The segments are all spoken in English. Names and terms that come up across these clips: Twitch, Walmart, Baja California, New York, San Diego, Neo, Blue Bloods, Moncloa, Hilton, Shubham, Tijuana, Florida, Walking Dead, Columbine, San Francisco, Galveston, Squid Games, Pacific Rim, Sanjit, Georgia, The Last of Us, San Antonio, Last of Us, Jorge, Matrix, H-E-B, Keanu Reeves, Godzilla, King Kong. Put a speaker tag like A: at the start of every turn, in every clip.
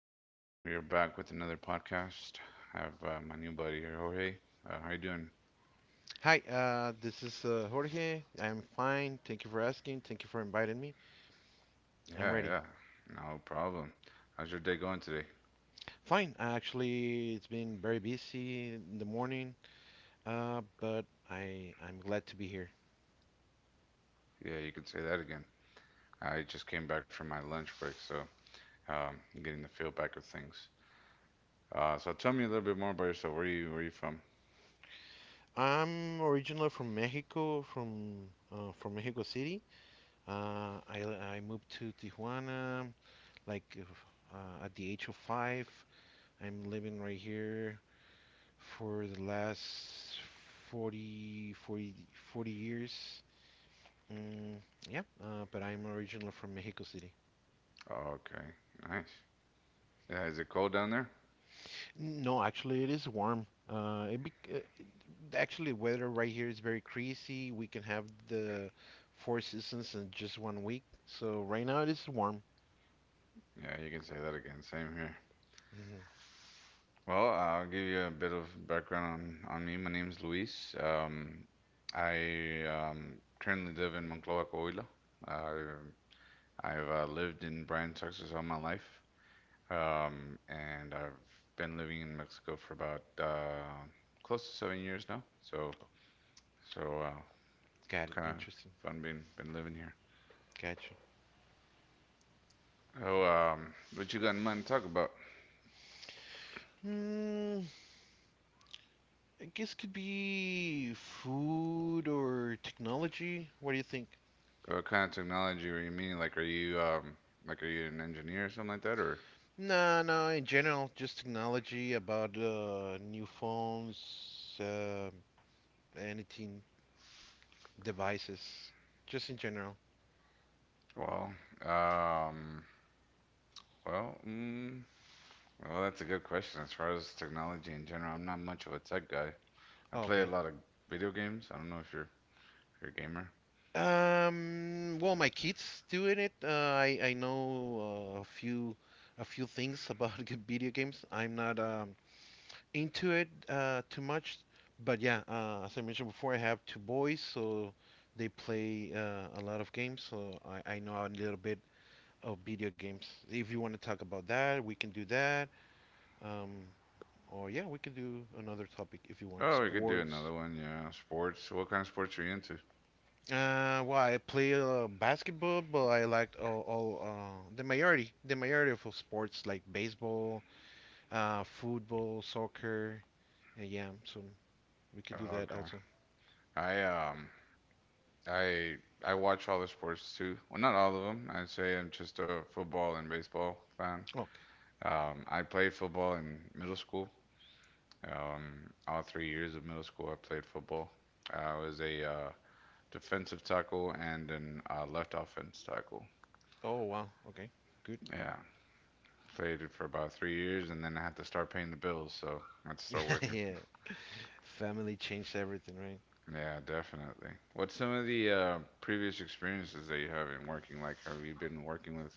A: We are back with another podcast. I have my new buddy here, Jorge. How you doing?
B: Hi, this is Jorge. I'm fine. Thank you for asking. Thank you for inviting me. I'm
A: Yeah,
B: ready.
A: yeah, no problem. How's your day going today?
B: Fine. Actually, it's been very busy in the morning, but I'm glad to be here.
A: Yeah, you could say that again. I just came back from my lunch break, so I'm getting the feel back of things. So tell me a little bit more about yourself. Where are you from?
B: I'm originally from Mexico, from Mexico City. Uh, I I moved to Tijuana like at the age of five. I'm living right here for the last 40, 40, 40 years. Mm, yeah, but I'm originally from Mexico City.
A: Oh, okay, nice. Yeah, is it cold down there?
B: No, actually, it is warm. It be actually weather right here is very crazy. We can have the four seasons in just one week. So right now it is warm.
A: Yeah, you can say that again. Same here.
B: hmm
A: Well, I'll give you a bit of background on me. My name's Luis. I currently live in Moncloa, Coahuila. Uh, I've lived in Bryan, Texas all my life, and I've been living in Mexico for about close to 7 years now. So, so
B: Got
A: it's
B: it.
A: kind of
B: Interesting.
A: fun being been living here.
B: Gotcha.
A: Oh, what you got in mind to talk about?
B: Hmm, I guess could be food or technology. What do you think?
A: What kind of technology are you meaning? Like are you an engineer or something like that, or?
B: No, no, in general, just technology about new phones, uh, anything devices, just in general.
A: Well, um, well, well, that's a good question. As far as technology in general, I'm not much of a tech guy. I
B: Oh,
A: play a
B: okay.
A: lot of video games. I don't know if you're a gamer.
B: Well, my kids doing it. I know a few things about video games. I'm not into it too much, but yeah, as I mentioned before, I have two boys, so they play a lot of games. So I know a little bit of video games. If you want to talk about that, we can do that. Um, or yeah, we can do another topic if you want.
A: Oh, we could do another
B: Sports.
A: one. Yeah, sports. What kind of sports are you into?
B: Well, I play basketball, but I liked all the majority of sports like baseball, football, soccer. Yeah, so we can do
A: Oh,
B: that
A: okay.
B: also.
A: I I I watch all the sports too. Well, not all of them. I'd say I'm just a football and baseball fan.
B: Okay.
A: I played football in middle school. All 3 years of middle school, I played football. I was a defensive tackle and an left offense tackle.
B: Oh wow. Okay. Good.
A: Yeah, played it for about 3 years, and then I had to start paying the bills, so I had to start working.
B: Yeah. Family changed everything, right?
A: Yeah, definitely. What's some of the previous experiences that you have in working? Like, have you been working with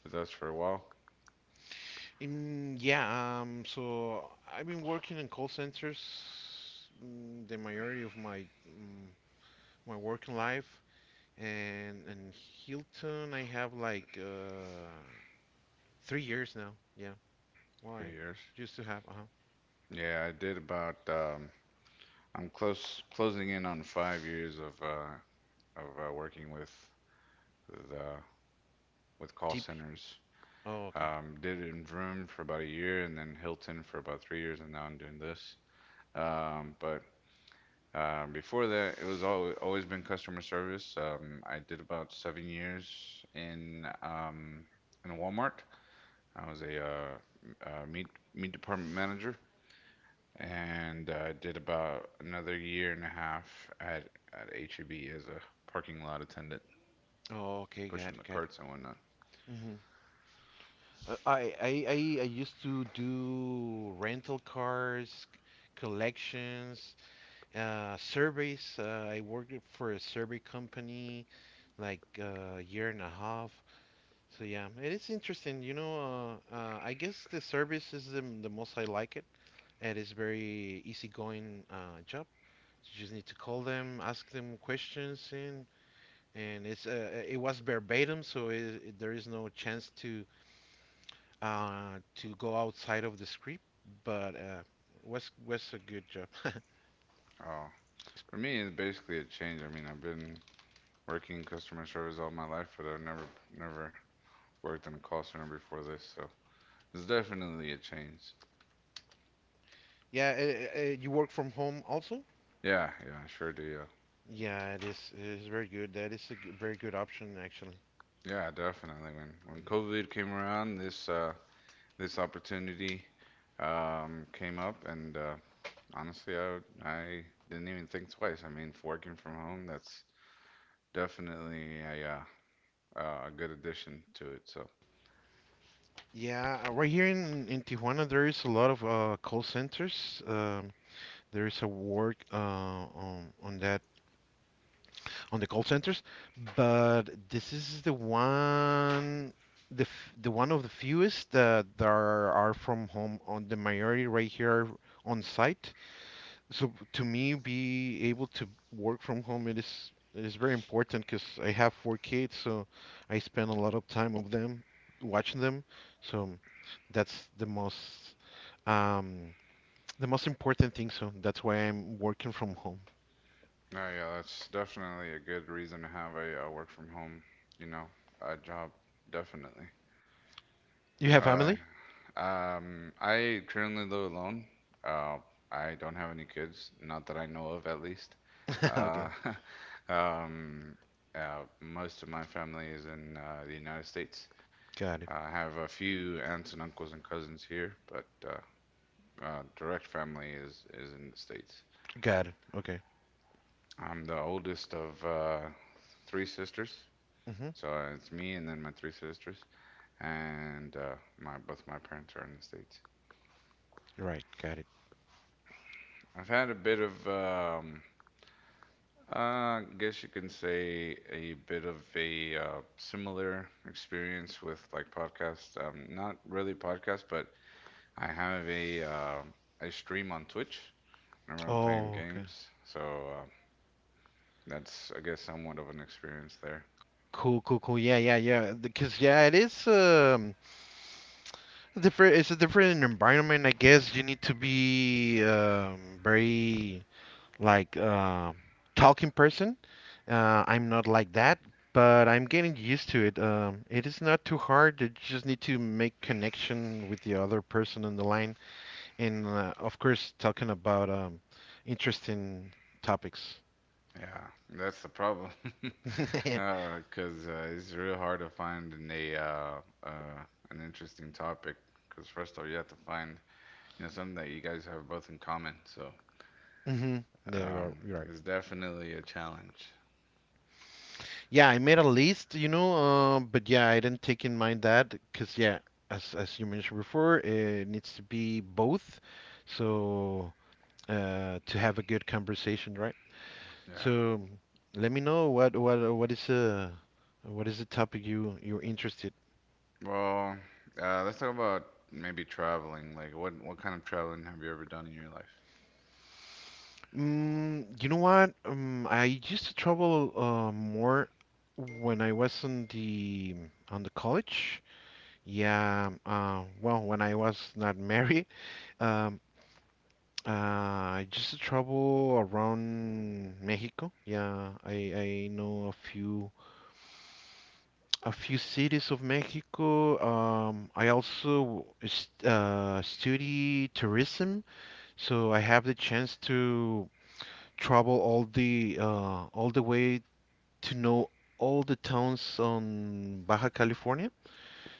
A: with us for a while?
B: Yeah. So I've been working in call centers, the majority of my mm, my working life, and in Hilton I have like. Three years now. Yeah. Why?
A: 3 years.
B: Just to have, uh-huh.
A: Yeah, I did about. I'm close closing in on 5 years of working with the with call
B: Tip.
A: centers.
B: Oh, okay.
A: Did it in Vroom for about a year and then Hilton for about 3 years, and now I'm doing this. But before that, it was all always been customer service. I did about 7 years in um, in Walmart. I was a, uh, meat department manager, and did about another year and a half at HEB as a parking lot attendant,
B: Oh, okay. Got
A: pushing the
B: it. Got it.
A: carts and whatnot.
B: Mm-hmm. I used to do rental cars, collections, surveys. I worked for a survey company like a year and a half. So yeah, it is interesting. I guess the service is the most I like it. It is very easygoing job. You just need to call them, ask them questions, and it's it was verbatim, so there is no chance to go outside of the script. But was a good job.
A: Oh, for me, it's basically a change. I mean, I've been working in customer service all my life, but I've never worked in a call center before this, so it's definitely a change.
B: Yeah, you work from home also.
A: Yeah, yeah, sure do.
B: Yeah, it is very good. That is a very good option actually.
A: Yeah, yeah, definitely. When
B: Mm.
A: COVID came around, this opportunity came up, and honestly, I didn't even think twice. I mean, for working from home, that's definitely a good addition to it. So
B: Yeah, right here in Tijuana, there is a lot of call centers. There is a work on that on the call centers, but this is the one, the the one of the fewest that there are from home. On the majority right here on site. So to me, be able to work from home, it is very important because I have four kids, so I spend a lot of time of them watching them. So that's um, the most important thing. So that's why I'm working from home.
A: no, yeah, that's definitely a good reason to have a, uh, work from home, you know, a job, definitely.
B: You have
A: Uh,
B: family?
A: I currently live alone. Uh, I don't have any kids, not that I know of, at least. Uh,
B: Okay,
A: um, most of my family is in the United States.
B: got it,
A: I have a few aunts and uncles and cousins here, but direct family is in the States.
B: got it. Okay.
A: I'm the oldest of three sisters,
B: hmm
A: so it's me and then my three sisters, and my both my parents are in the States.
B: Right, got it.
A: I've had a bit of, I guess you can say a bit of a similar experience with like podcasts. Not really podcasts, but I have a stream on Twitch whenever I'm playing
B: Oh, okay.
A: games. So that's, I guess, somewhat of an experience there.
B: Cool, cool, cool. Yeah, yeah, yeah. Because yeah, it is different. It's a different environment. I guess you need to be very like talking person. I'm not like that, but I'm getting used to it. It is not too hard. You just need to make connection with the other person on the line, and of course, talking about interesting topics.
A: Yeah, that's the problem. 'Cause it's real hard to find in a uh, an interesting topic. 'Cause first of all, you have to find you know something that you guys have both in common. So
B: Mm-hmm. Yeah,
A: um,
B: you're right.
A: it's definitely a challenge.
B: Yeah, I made a list, you know, but yeah, I didn't take in mind that because yeah, as you mentioned before, it needs to be both, so to have a good conversation, right?
A: Yeah.
B: So let me know what is the topic you're interested.
A: Well, let's talk about maybe traveling. Like, what kind of traveling have you ever done in your life?
B: Mm, you know what? I used to travel more when I was on the college. Yeah. Well, when I was not married, um, uh, just the trouble around Mexico. Yeah, I know a few cities of Mexico. I also st study tourism, so I have the chance to travel all the way to know all the towns on Baja California.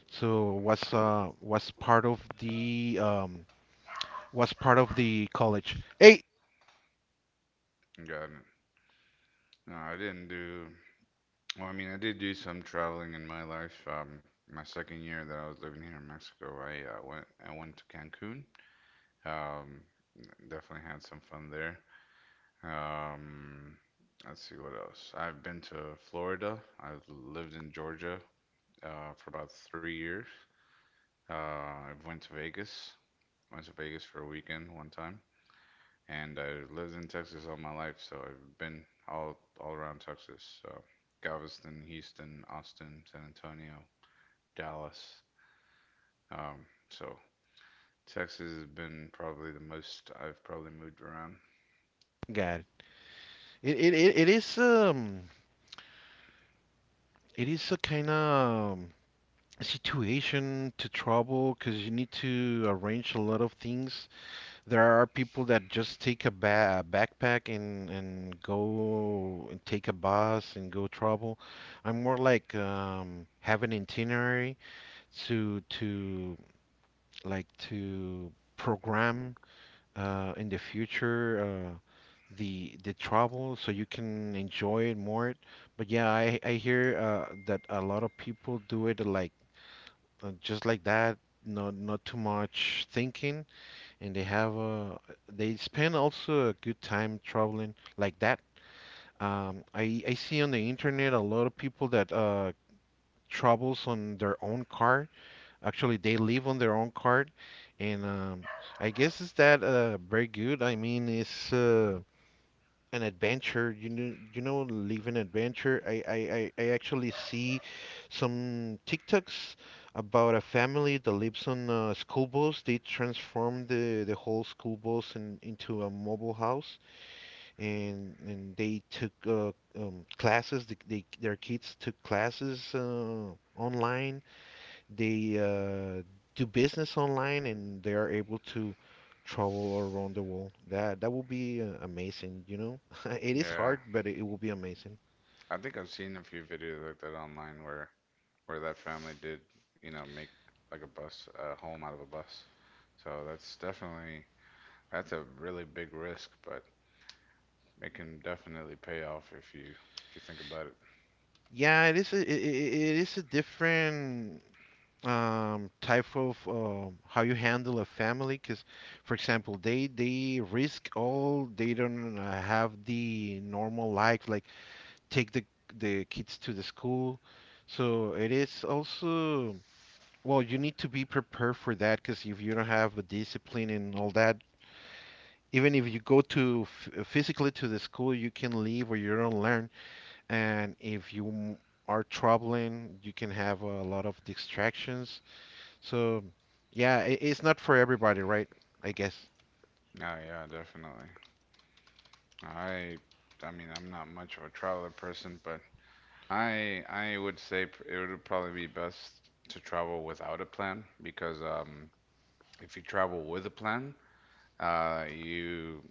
B: So was part of the college. Hey,
A: Got it. No, I didn't do. Well, I mean, I did do some traveling in my life. My second year that I was living here in Mexico, I went I went to Cancun. Um, definitely had some fun there. Um, let's see what else. I've been to Florida. I've lived in Georgia for about 3 years. I went to Vegas. Went to Vegas for a weekend one time, and I lived in Texas all my life, so I've been all around Texas. So Galveston, Houston, Austin, San Antonio, Dallas. So Texas has been probably the most I've probably moved around.
B: God, it is. It is a kind of situation to trouble because you need to arrange a lot of things. There are people that just take a backpack and go and take a bus and go travel. I'm more like have an itinerary to like to program in the future, the travel so you can enjoy it more. But yeah, I hear that a lot of people do it like just like that, not too much thinking, and they have a, they spend also a good time traveling like that. I see on the internet a lot of people that travels on their own car, actually they live on their own car. And I guess is that very good. I mean it's an adventure, you know. You know, living adventure. I actually see some tiktoks about a family that lives on a school bus. They transformed the whole school into a mobile house, and they took classes. Their kids took classes online. They Do business online, and they are able to travel around the world. That will be amazing, you know. It is
A: Yeah,
B: hard, but it will be amazing.
A: I think I've seen a few videos like that online where that family did, you know, make like a home out of a bus. So that's definitely that's a really big risk, but it can definitely pay off if you think about it.
B: Yeah, it, it is a different type of how you handle a family. Because, for example, they risk all. They don't have the normal life, like take the kids to the school. So it is also. Well, you need to be prepared for that because if you don't have the discipline and all that, even if you go to physically to the school, you can leave or you don't learn. And if you are traveling, you can have a lot of distractions. So, yeah, I it's not for everybody, right? I guess.
A: Oh yeah, definitely. I I mean I'm not much of a traveler person, but I would say it would probably be best to travel without a plan because if you travel with a plan, you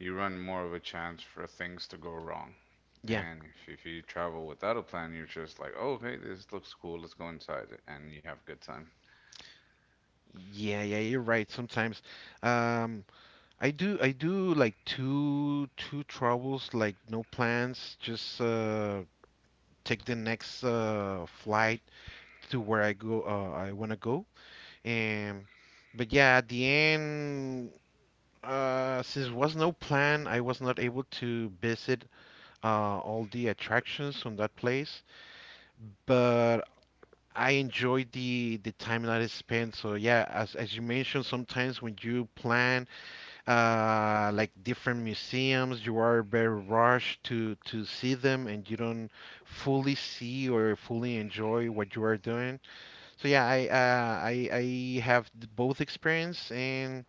A: you run more of a chance for things to go wrong.
B: Yeah.
A: And if you travel without a plan, you're just like, oh, hey, this looks cool. Let's go inside, and you have a good time.
B: Yeah, yeah, you're right. Sometimes, um, I do like two travels, like no plans, just take the next flight to where I go I want to go. Um, but yeah, at the end, since there was no plan, I was not able to visit all the attractions on that place. But I enjoyed the time that I spent. So yeah, as you mentioned, sometimes when you plan like different museums, you are very rushed to see them, and you don't fully see or fully enjoy what you are doing. So yeah, I have both experience, and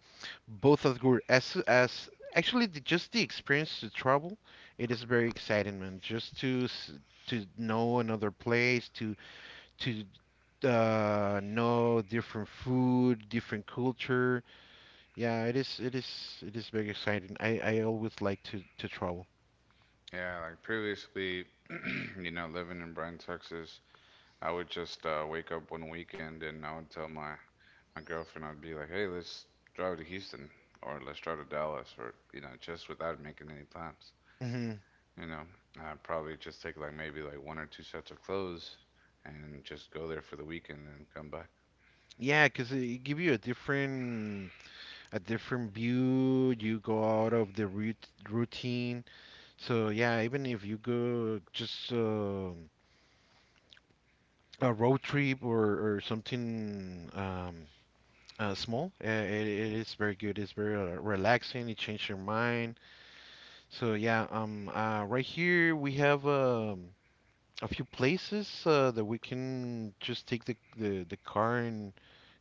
B: both as good as actually just the experience to travel, it is very exciting, man. Just to know another place, to know different food, different culture. Yeah, it is very exciting. I always like to travel.
A: Yeah, like previously, you know, living in Bryan, Texas, I would just wake up one weekend and I would tell my girlfriend, I'd be like, "Hey, let's drive to Houston or let's drive to Dallas or you know, just without making any plans."
B: hmm
A: You know, I'd probably just take like maybe like one or two sets of clothes and just go there for the weekend and come back.
B: Yeah, 'cause it give you a different view. You go out of the routine. So yeah, even if you go just a road trip or something small, it is very good. It's very relaxing. It changes your mind. So yeah, right here we have a few places that we can just take the car and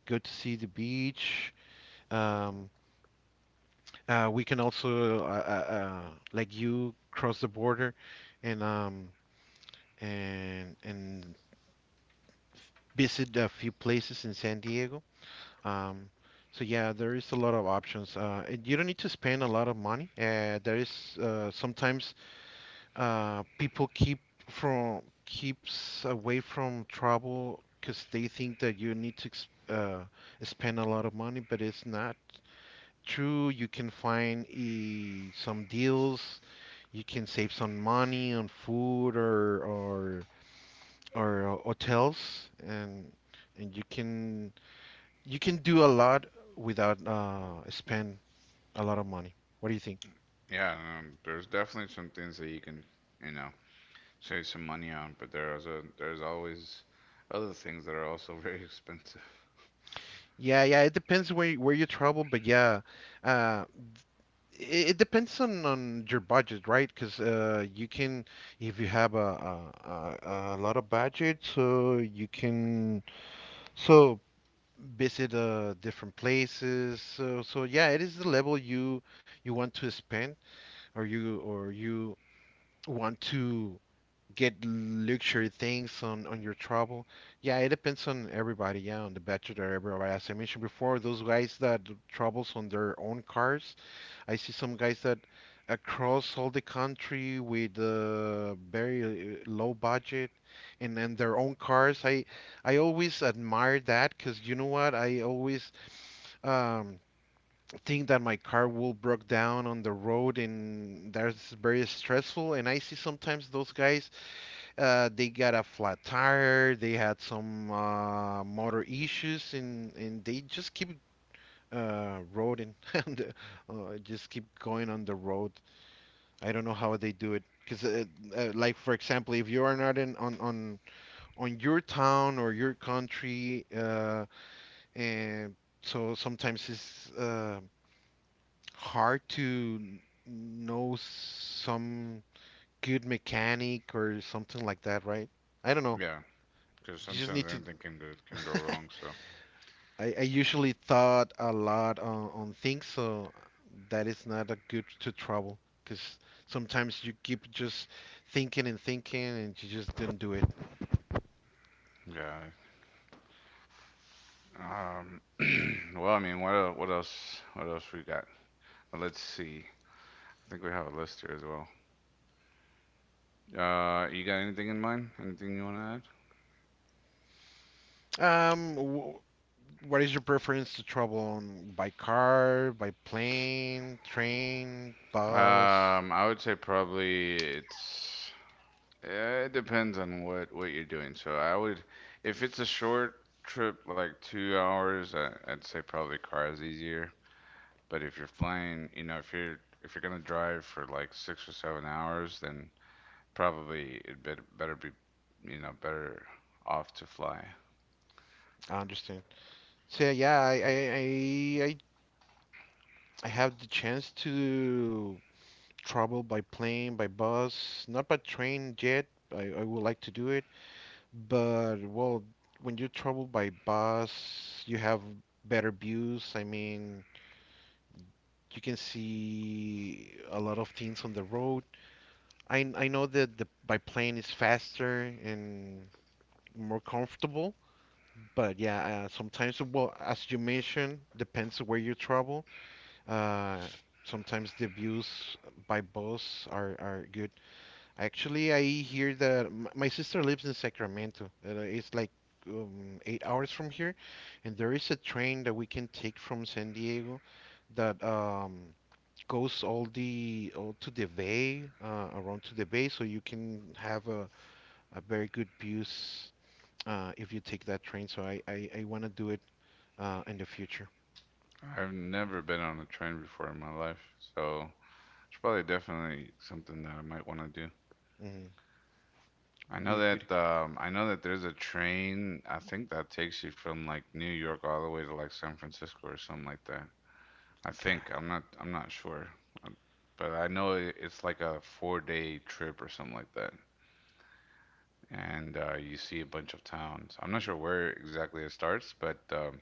B: go to see the beach. Um, we can also like you cross the border and um and visit a few places in San Diego. Um, so yeah, there is a lot of options. And you don't need to spend a lot of money. There is sometimes people keeps away from travel because they think that you need to ex spend a lot of money, but it's not true. You can find some deals. You can save some money on food or or hotels, and you can, you can do a lot without spend a lot of money. What do you think?
A: Yeah, there's definitely some things that you can, you know, save some money on, but there's always other things that are also very expensive.
B: Yeah, yeah, it depends where you travel, but yeah, uh, it depends on your budget, right? Because if you have a lot of budget, so you can so visit different places. So yeah, it is the level you want to spend or you want to get luxury things on your travel. Yeah, it depends on everybody. Yeah, on the bachelor, everybody. As I mentioned before, those guys that travels on their own cars. I see some guys that across all the country with very low budget and their own cars. I always admire that because you know what? I always um, think that my car will broke down on the road and that's very stressful. And I see sometimes those guys they got a flat tire. They had some motor issues, and they just keep roading and just keep going on the road. I don't know how they do it. Because, like for example, if you are not in on on your town or your country, and so sometimes it's hard to know some good mechanic or something like that, right? I don't know.
A: Yeah, because
B: You just
A: sometimes
B: need to.
A: anything can go wrong. So
B: I usually thought a lot on things, so that is not a good to trouble because sometimes you keep just thinking and thinking and you just didn't do it.
A: yeah. Um, well, I mean, what else? What else we got? Let's see. I think we have a list here as well. You got anything in mind? Anything you want
B: Um, wh- what is your preference to travel on, by car, by plane, train,
A: to
B: bus?
A: add? I would say probably it's. It depends on what you're doing. So I would, if it's a short trip like 2 hours, I'd say probably car is easier. But if you're flying, you know, if you're gonna drive for like 6 or 7 hours, then probably it better be, you know, better off to fly.
B: I understand. So yeah, I have the chance to travel by plane, by bus, not by train yet. I would like to do it. But well, when you travel by bus, you have better views. I mean, you can see a lot of things on the road. I know that the by plane is faster and more comfortable, but yeah, sometimes well, as you mentioned, depends on where you travel. Uh, Sometimes the views by bus are good. Actually, I hear that my sister lives in Sacramento. It's like 8 hours from here, and there is a train that we can take from San Diego that goes all the all to the bay, around to the bay, so you can have a very good views if you take that train. So I want to do it in the future.
A: I've never been on a train before in my life, so it's probably definitely something that I might want to do.
B: Hmm. Be a good experience.
A: I know that there's a train. I think that takes you from like New York all the way to like San Francisco or something like that. I think
B: God.
A: I'm not sure, um, but I know it- it's like a 4 day trip or something like that, and you see a bunch of towns. I'm not sure where exactly it starts,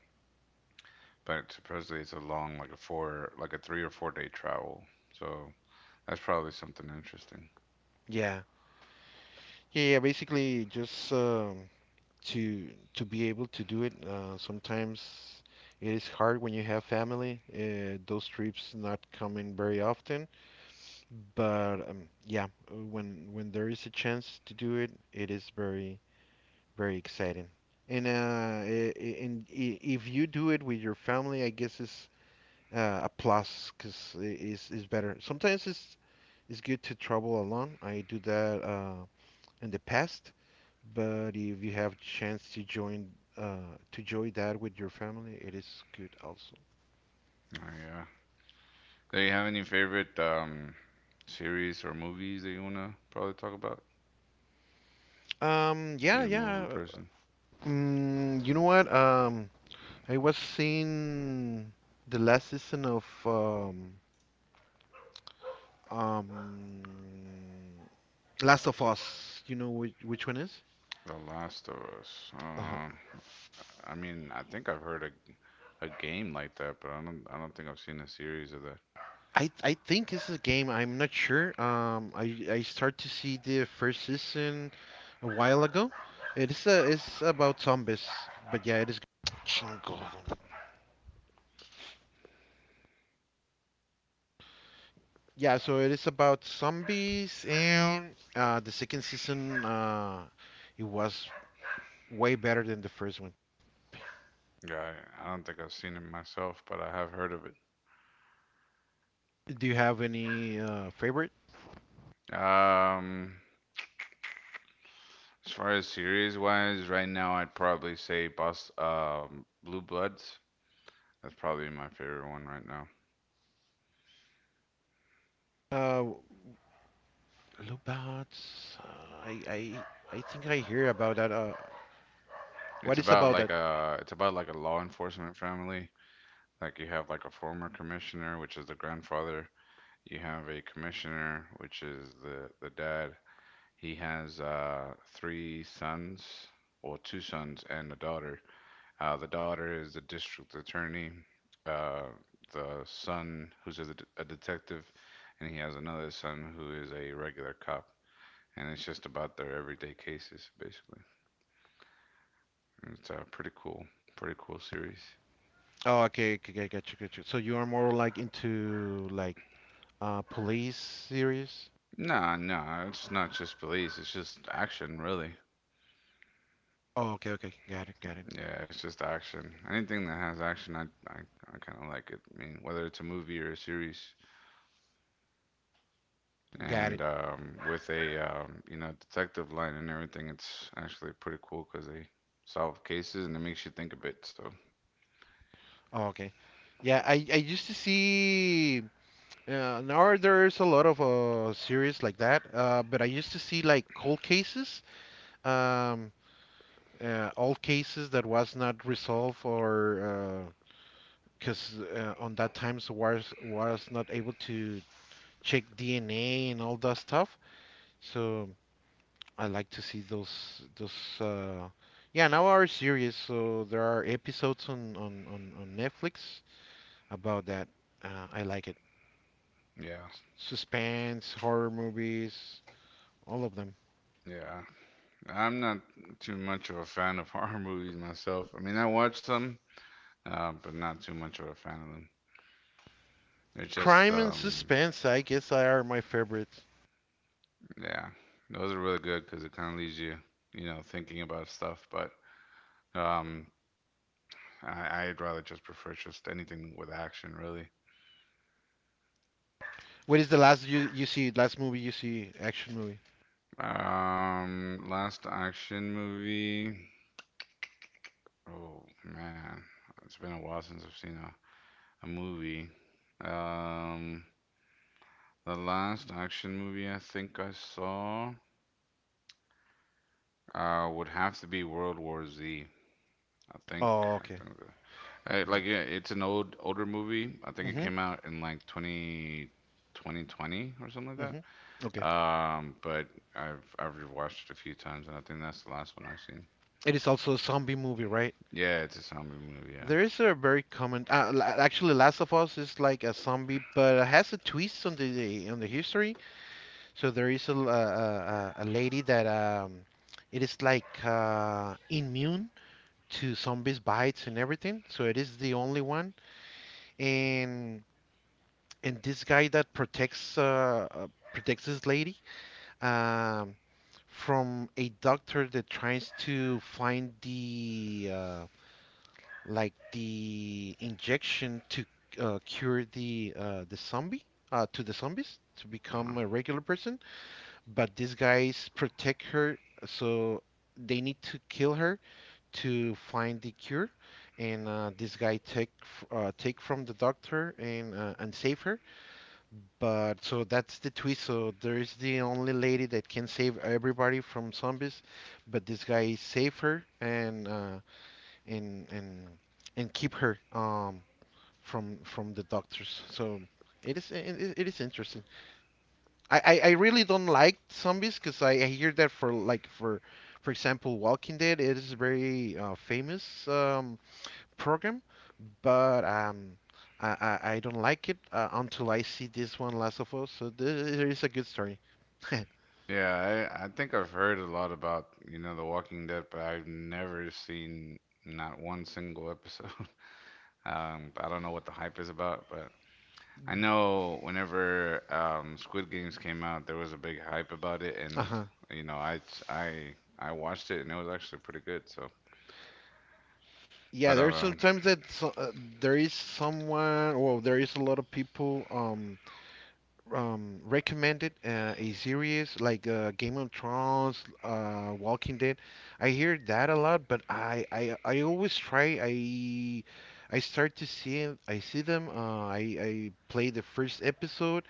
A: but supposedly it's a long, like a four, like a 3 or 4 day travel. So that's probably something interesting.
B: Yeah. Yeah, yeah, basically just to to be able to do it. Sometimes it is hard when you have family. Those trips not coming very often, but yeah, when there is a chance to do it, it is very very exciting. And if you do it with your family, I guess it's a plus because it's better. Sometimes it's good to travel alone. I do that in the past, but if you have chance to join that with your family, it is good also.
A: Oh yeah. Do you have any favorite series or movies that you wanna probably talk about?
B: Yeah,
A: You're a movie
B: yeah.
A: person.
B: Mm, you know what? I was seeing the last season of um, Last of Us. You know which one is?
A: The Last of Us.
B: Uh
A: I mean, I think I've heard a game like that, but I don't think I've seen a series of that.
B: I think this is a game. I'm not sure. I start to see the first season a while ago. It is a it's about zombies, but yeah, it is. Chingado. Yeah, so it is about zombies, and the second season it was way better than the first one.
A: Yeah, I don't think I've seen it myself, but I have heard of it.
B: Do you have any favorite?
A: Um, As far as series wise, right now I'd probably say Bus Blue Bloods. That's probably my favorite one right now.
B: Uh, Lubats. I I I think I hear about that. What
A: It's
B: is
A: about
B: about that?
A: like a law enforcement family. Like you have like a former commissioner, which is the grandfather. You have a commissioner, which is the dad. He has three sons, or two sons and a daughter. The daughter is a district attorney. Uh, the son, who's a, a detective, and he has another son who is a regular cop. And it's just about their everyday cases, basically. And it's a pretty cool, pretty cool series.
B: Oh, okay, okay, okay, got you, got you. So you are more like into like police series?
A: Nah, nah, it's not just police. It's just action, really.
B: Oh, okay, okay, got it, got it,
A: Yeah, it's just action. Anything that has action, I, I kind of like it. I mean, whether it's a movie or a series.
B: got it.
A: And With a detective line and everything, it's actually pretty cool because they solve cases and it makes you think a bit. So
B: Oh, okay. Yeah, I used to see now there's a lot of series like that. But I used to see like cold cases, um, all cases that was not resolved or because on that times was not able to check DNA and all that stuff. So, I like to see those uh yeah, now our series, so there are episodes on Netflix about that. I like it.
A: yeah,
B: Suspense, horror movies, all of them.
A: yeah, I'm not too much of a fan of horror movies myself. I mean, I watch them, but not too much of a fan of them. They're just
B: Crime and suspense, I guess, are my favorites.
A: yeah, those are really good because it kind of leaves you you know thinking about stuff. But um, I'd rather just prefer just anything with action really.
B: What is the last you you see last movie you see action movie?
A: Last action movie. Oh man, it's been a while since I've seen a movie. Um, the last action movie I think I saw would have to be World War Z. I think
B: Oh,
A: I
B: okay.
A: think like
B: Mm.
A: yeah, it's an older movie. I think it
B: Mhm.
A: came out in like 20 2020 or something like
B: Mhm.
A: that.
B: Okay.
A: But I've watched it a few times and I think that's the last one I've seen.
B: It is also a zombie movie, right?
A: Yeah, it's a zombie movie, yeah.
B: There is a very common. Actually, Last of Us is like a zombie, but it has a twist on the history. So there is a a lady that it is like immune to zombies bites and everything. So it is the only one, and this guy that protects protects this lady um, from a doctor that tries to find the like the injection to cure the zombie to the zombies to
A: Uh-huh.
B: become a regular person, but these guys protect her, so they need to kill her to find the cure. And this guy take take from the doctor and save her. But so that's the twist. So there is the only lady that can save everybody from zombies, but this guy save her and and and and keep her from the doctors. So it is it is interesting. I really don't like zombies because I hear that for like for example Walking Dead it is a very famous program, but um, I don't like it until I see this one, Last of Us. So this is a good story.
A: Yeah, I think I've heard a lot about, you know, The Walking Dead, but I've never seen not one single episode. I don't know what the hype is about, but I know whenever Squid Games came out, there was a big hype about it, and
B: Uh-huh.
A: you know, I watched it, and it was actually pretty good. So, but
B: Yeah, there's sometimes that so, there is someone, well, there is a lot of people recommended a series like Game of Thrones, Walking Dead. I hear that a lot, but I always try. I start to I see them. I play the first episode,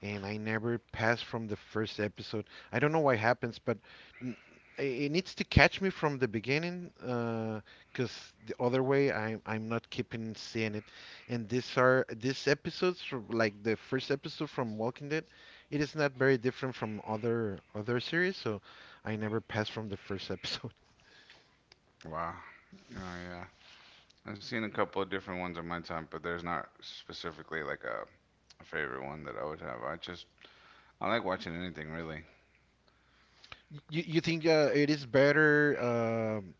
B: and I never pass from the first episode. I don't know why happens, but n- it needs to catch me from the beginning, because the other way, I'm not keeping seeing it, and these are these episodes from like the first episode from Walking Dead. It is not very different from other other series, so I never passed from the first episode.
A: wow, oh yeah, I've seen a couple of different ones in my time, but there's not specifically like a favorite one that I would have. I just I like watching anything really.
B: You think it is better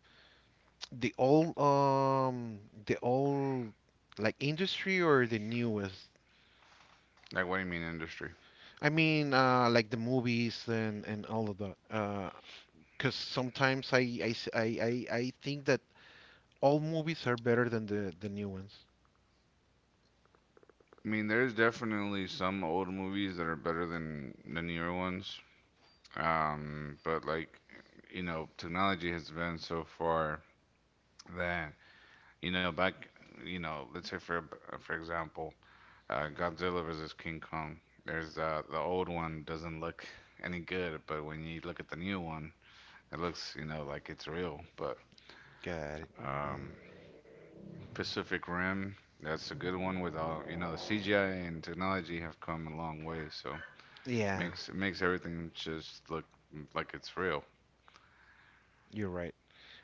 B: the old um the old like industry or the newest?
A: Like, what do you mean industry?
B: I mean like the movies and all of that. 'Cause because sometimes I s- I think that all movies are better than the new ones.
A: I mean, there's definitely some old movies that are better than the newer ones. But like, you know, technology has been so far that, you know, back, you know, let's say for example, Godzilla versus King Kong. There's the old one doesn't look any good, but when you look at the new one, it looks, you know, like it's real. But
B: Got it.
A: um,
B: Hmm.
A: Pacific Rim, that's a good one with all, you know, the CGI and technology have come a long way, so.
B: Yeah.
A: Makes it makes everything just look like it's real.
B: You're right.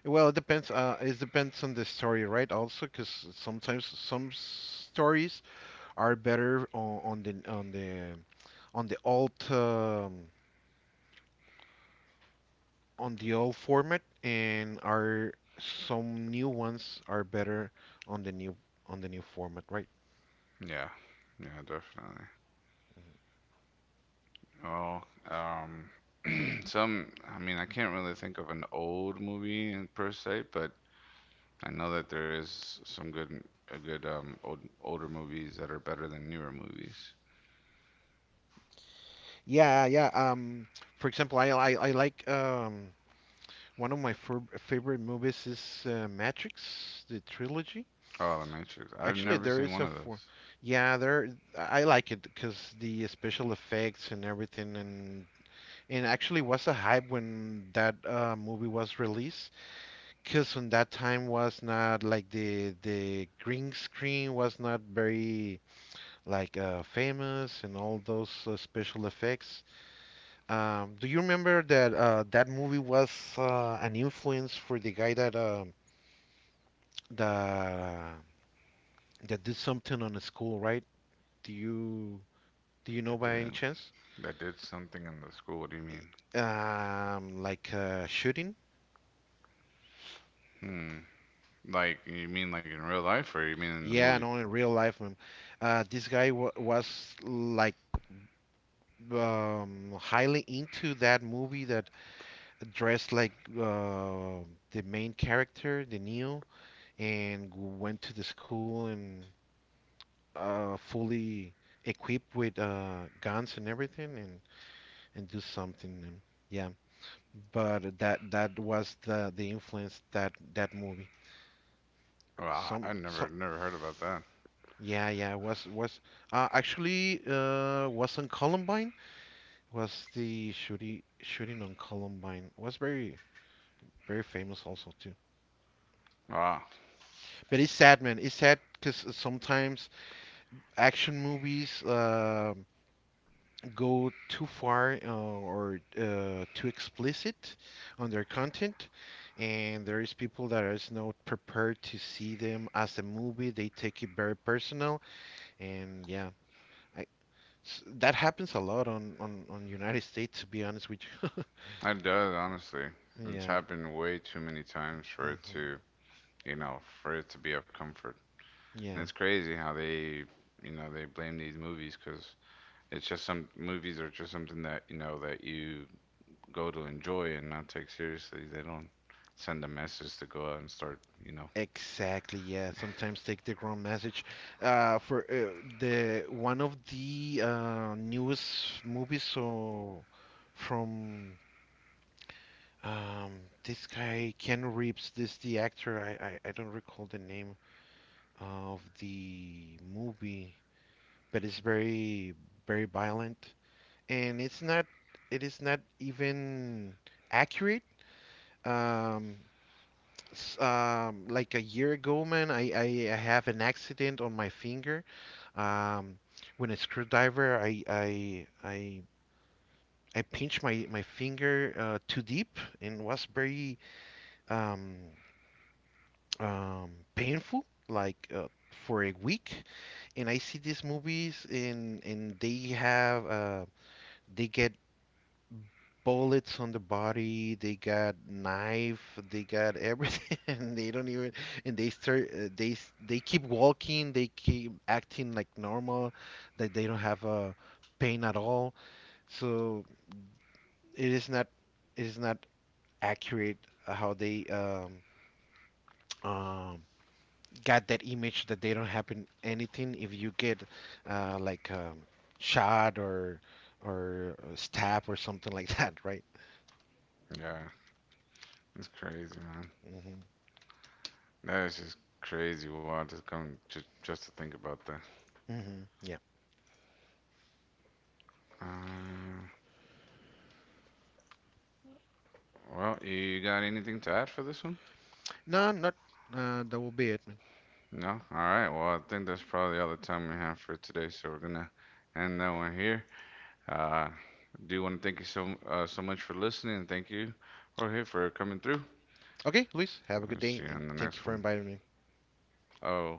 B: Well, it depends. It depends on the story, right? Also, because sometimes stories are better on the old um, on the old format, and are some new ones are better on the new on the new format, right?
A: Yeah. Yeah, definitely. Well, some, I mean, I can't really think of an old movie in, per se, but I know that there is some good, a good old older movies that are better than newer movies.
B: Yeah, yeah. For example, I like one of my favorite movies is Matrix, the trilogy.
A: Oh, The Matrix. I've
B: Actually,
A: never
B: there
A: seen
B: is
A: one
B: a
A: of
B: for,
A: those.
B: yeah, there. I like it because the special effects and everything, and actually was a hype when that movie was released. Because on that time was not like the green screen was not very like famous and all those special effects. Do you remember that that movie was an influence for the guy that that that did something on the school, right? Do you? Do you know
A: That
B: by any
A: did
B: chance?
A: that did something in the school. What do you mean?
B: Like shooting?
A: Hmm. Like you mean like in real life, or you mean in the
B: Yeah,
A: movie?
B: no, in real life, man. This guy wa was like highly into that movie that dressed like uh, the main character, the Neo, and went to the school and fully equipped with guns and everything, and do something. And, yeah, but that that was the influence that that movie.
A: Wow,
B: Some,
A: I never
B: so
A: never heard about that.
B: yeah, yeah, was actually was on Columbine. Was the shooting on Columbine was very very famous also too.
A: Wow.
B: But it's sad, man. It's sad because sometimes action movies go too far or too explicit on their content, and there is people that is not prepared to see them as a movie. They take it very personal, and yeah, I, that happens a lot on United States, to be honest with you.
A: It does, honestly. It's
B: Yeah.
A: happened way too many times for it
B: Hmm.
A: to, you know, for it to be of comfort. And
B: Yeah.
A: it's crazy how they, you know, they blame these movies because it's just some movies are just something that, you know, that you go to enjoy and not take seriously. They don't send a message to go out and start, you know.
B: Exactly. Yeah. Sometimes take the wrong message. For the one of the newest movies so from um this guy Keanu Reeves, this the actor. I don't recall the name of the movie, but it's very very violent, and it's not it is not even accurate. Um, like a year ago, man, I, have an accident on my finger. Um, when a screwdriver, I pinched my, my finger too deep and was very um, painful, like for a week. And I see these movies and they have they get bullets on the body. They got knife. They got everything. And they don't even. And they start. They keep walking. They keep acting like normal. That they don't have pain at all. So it is not. It is not accurate how they um, got that image that they don't happen anything if you get uh, like um, shot or stab or something like that, right?
A: Yeah, it's crazy, man.
B: Hmm.
A: That is just crazy. Wild to come just to think about that.
B: Hmm.
A: Uh, well, you got anything to add for this one?
B: No, not. That will be it, man.
A: No? All right. Well, I think that's probably all the time we have for today. So we're gonna end that one here. Uh, do want to thank you so so much for listening. Thank you, Jorge, for coming through.
B: Okay, Luis, have a good
A: I'll
B: day
A: see you
B: and
A: in the
B: thank you
A: next
B: for
A: one.
B: inviting me.
A: Oh.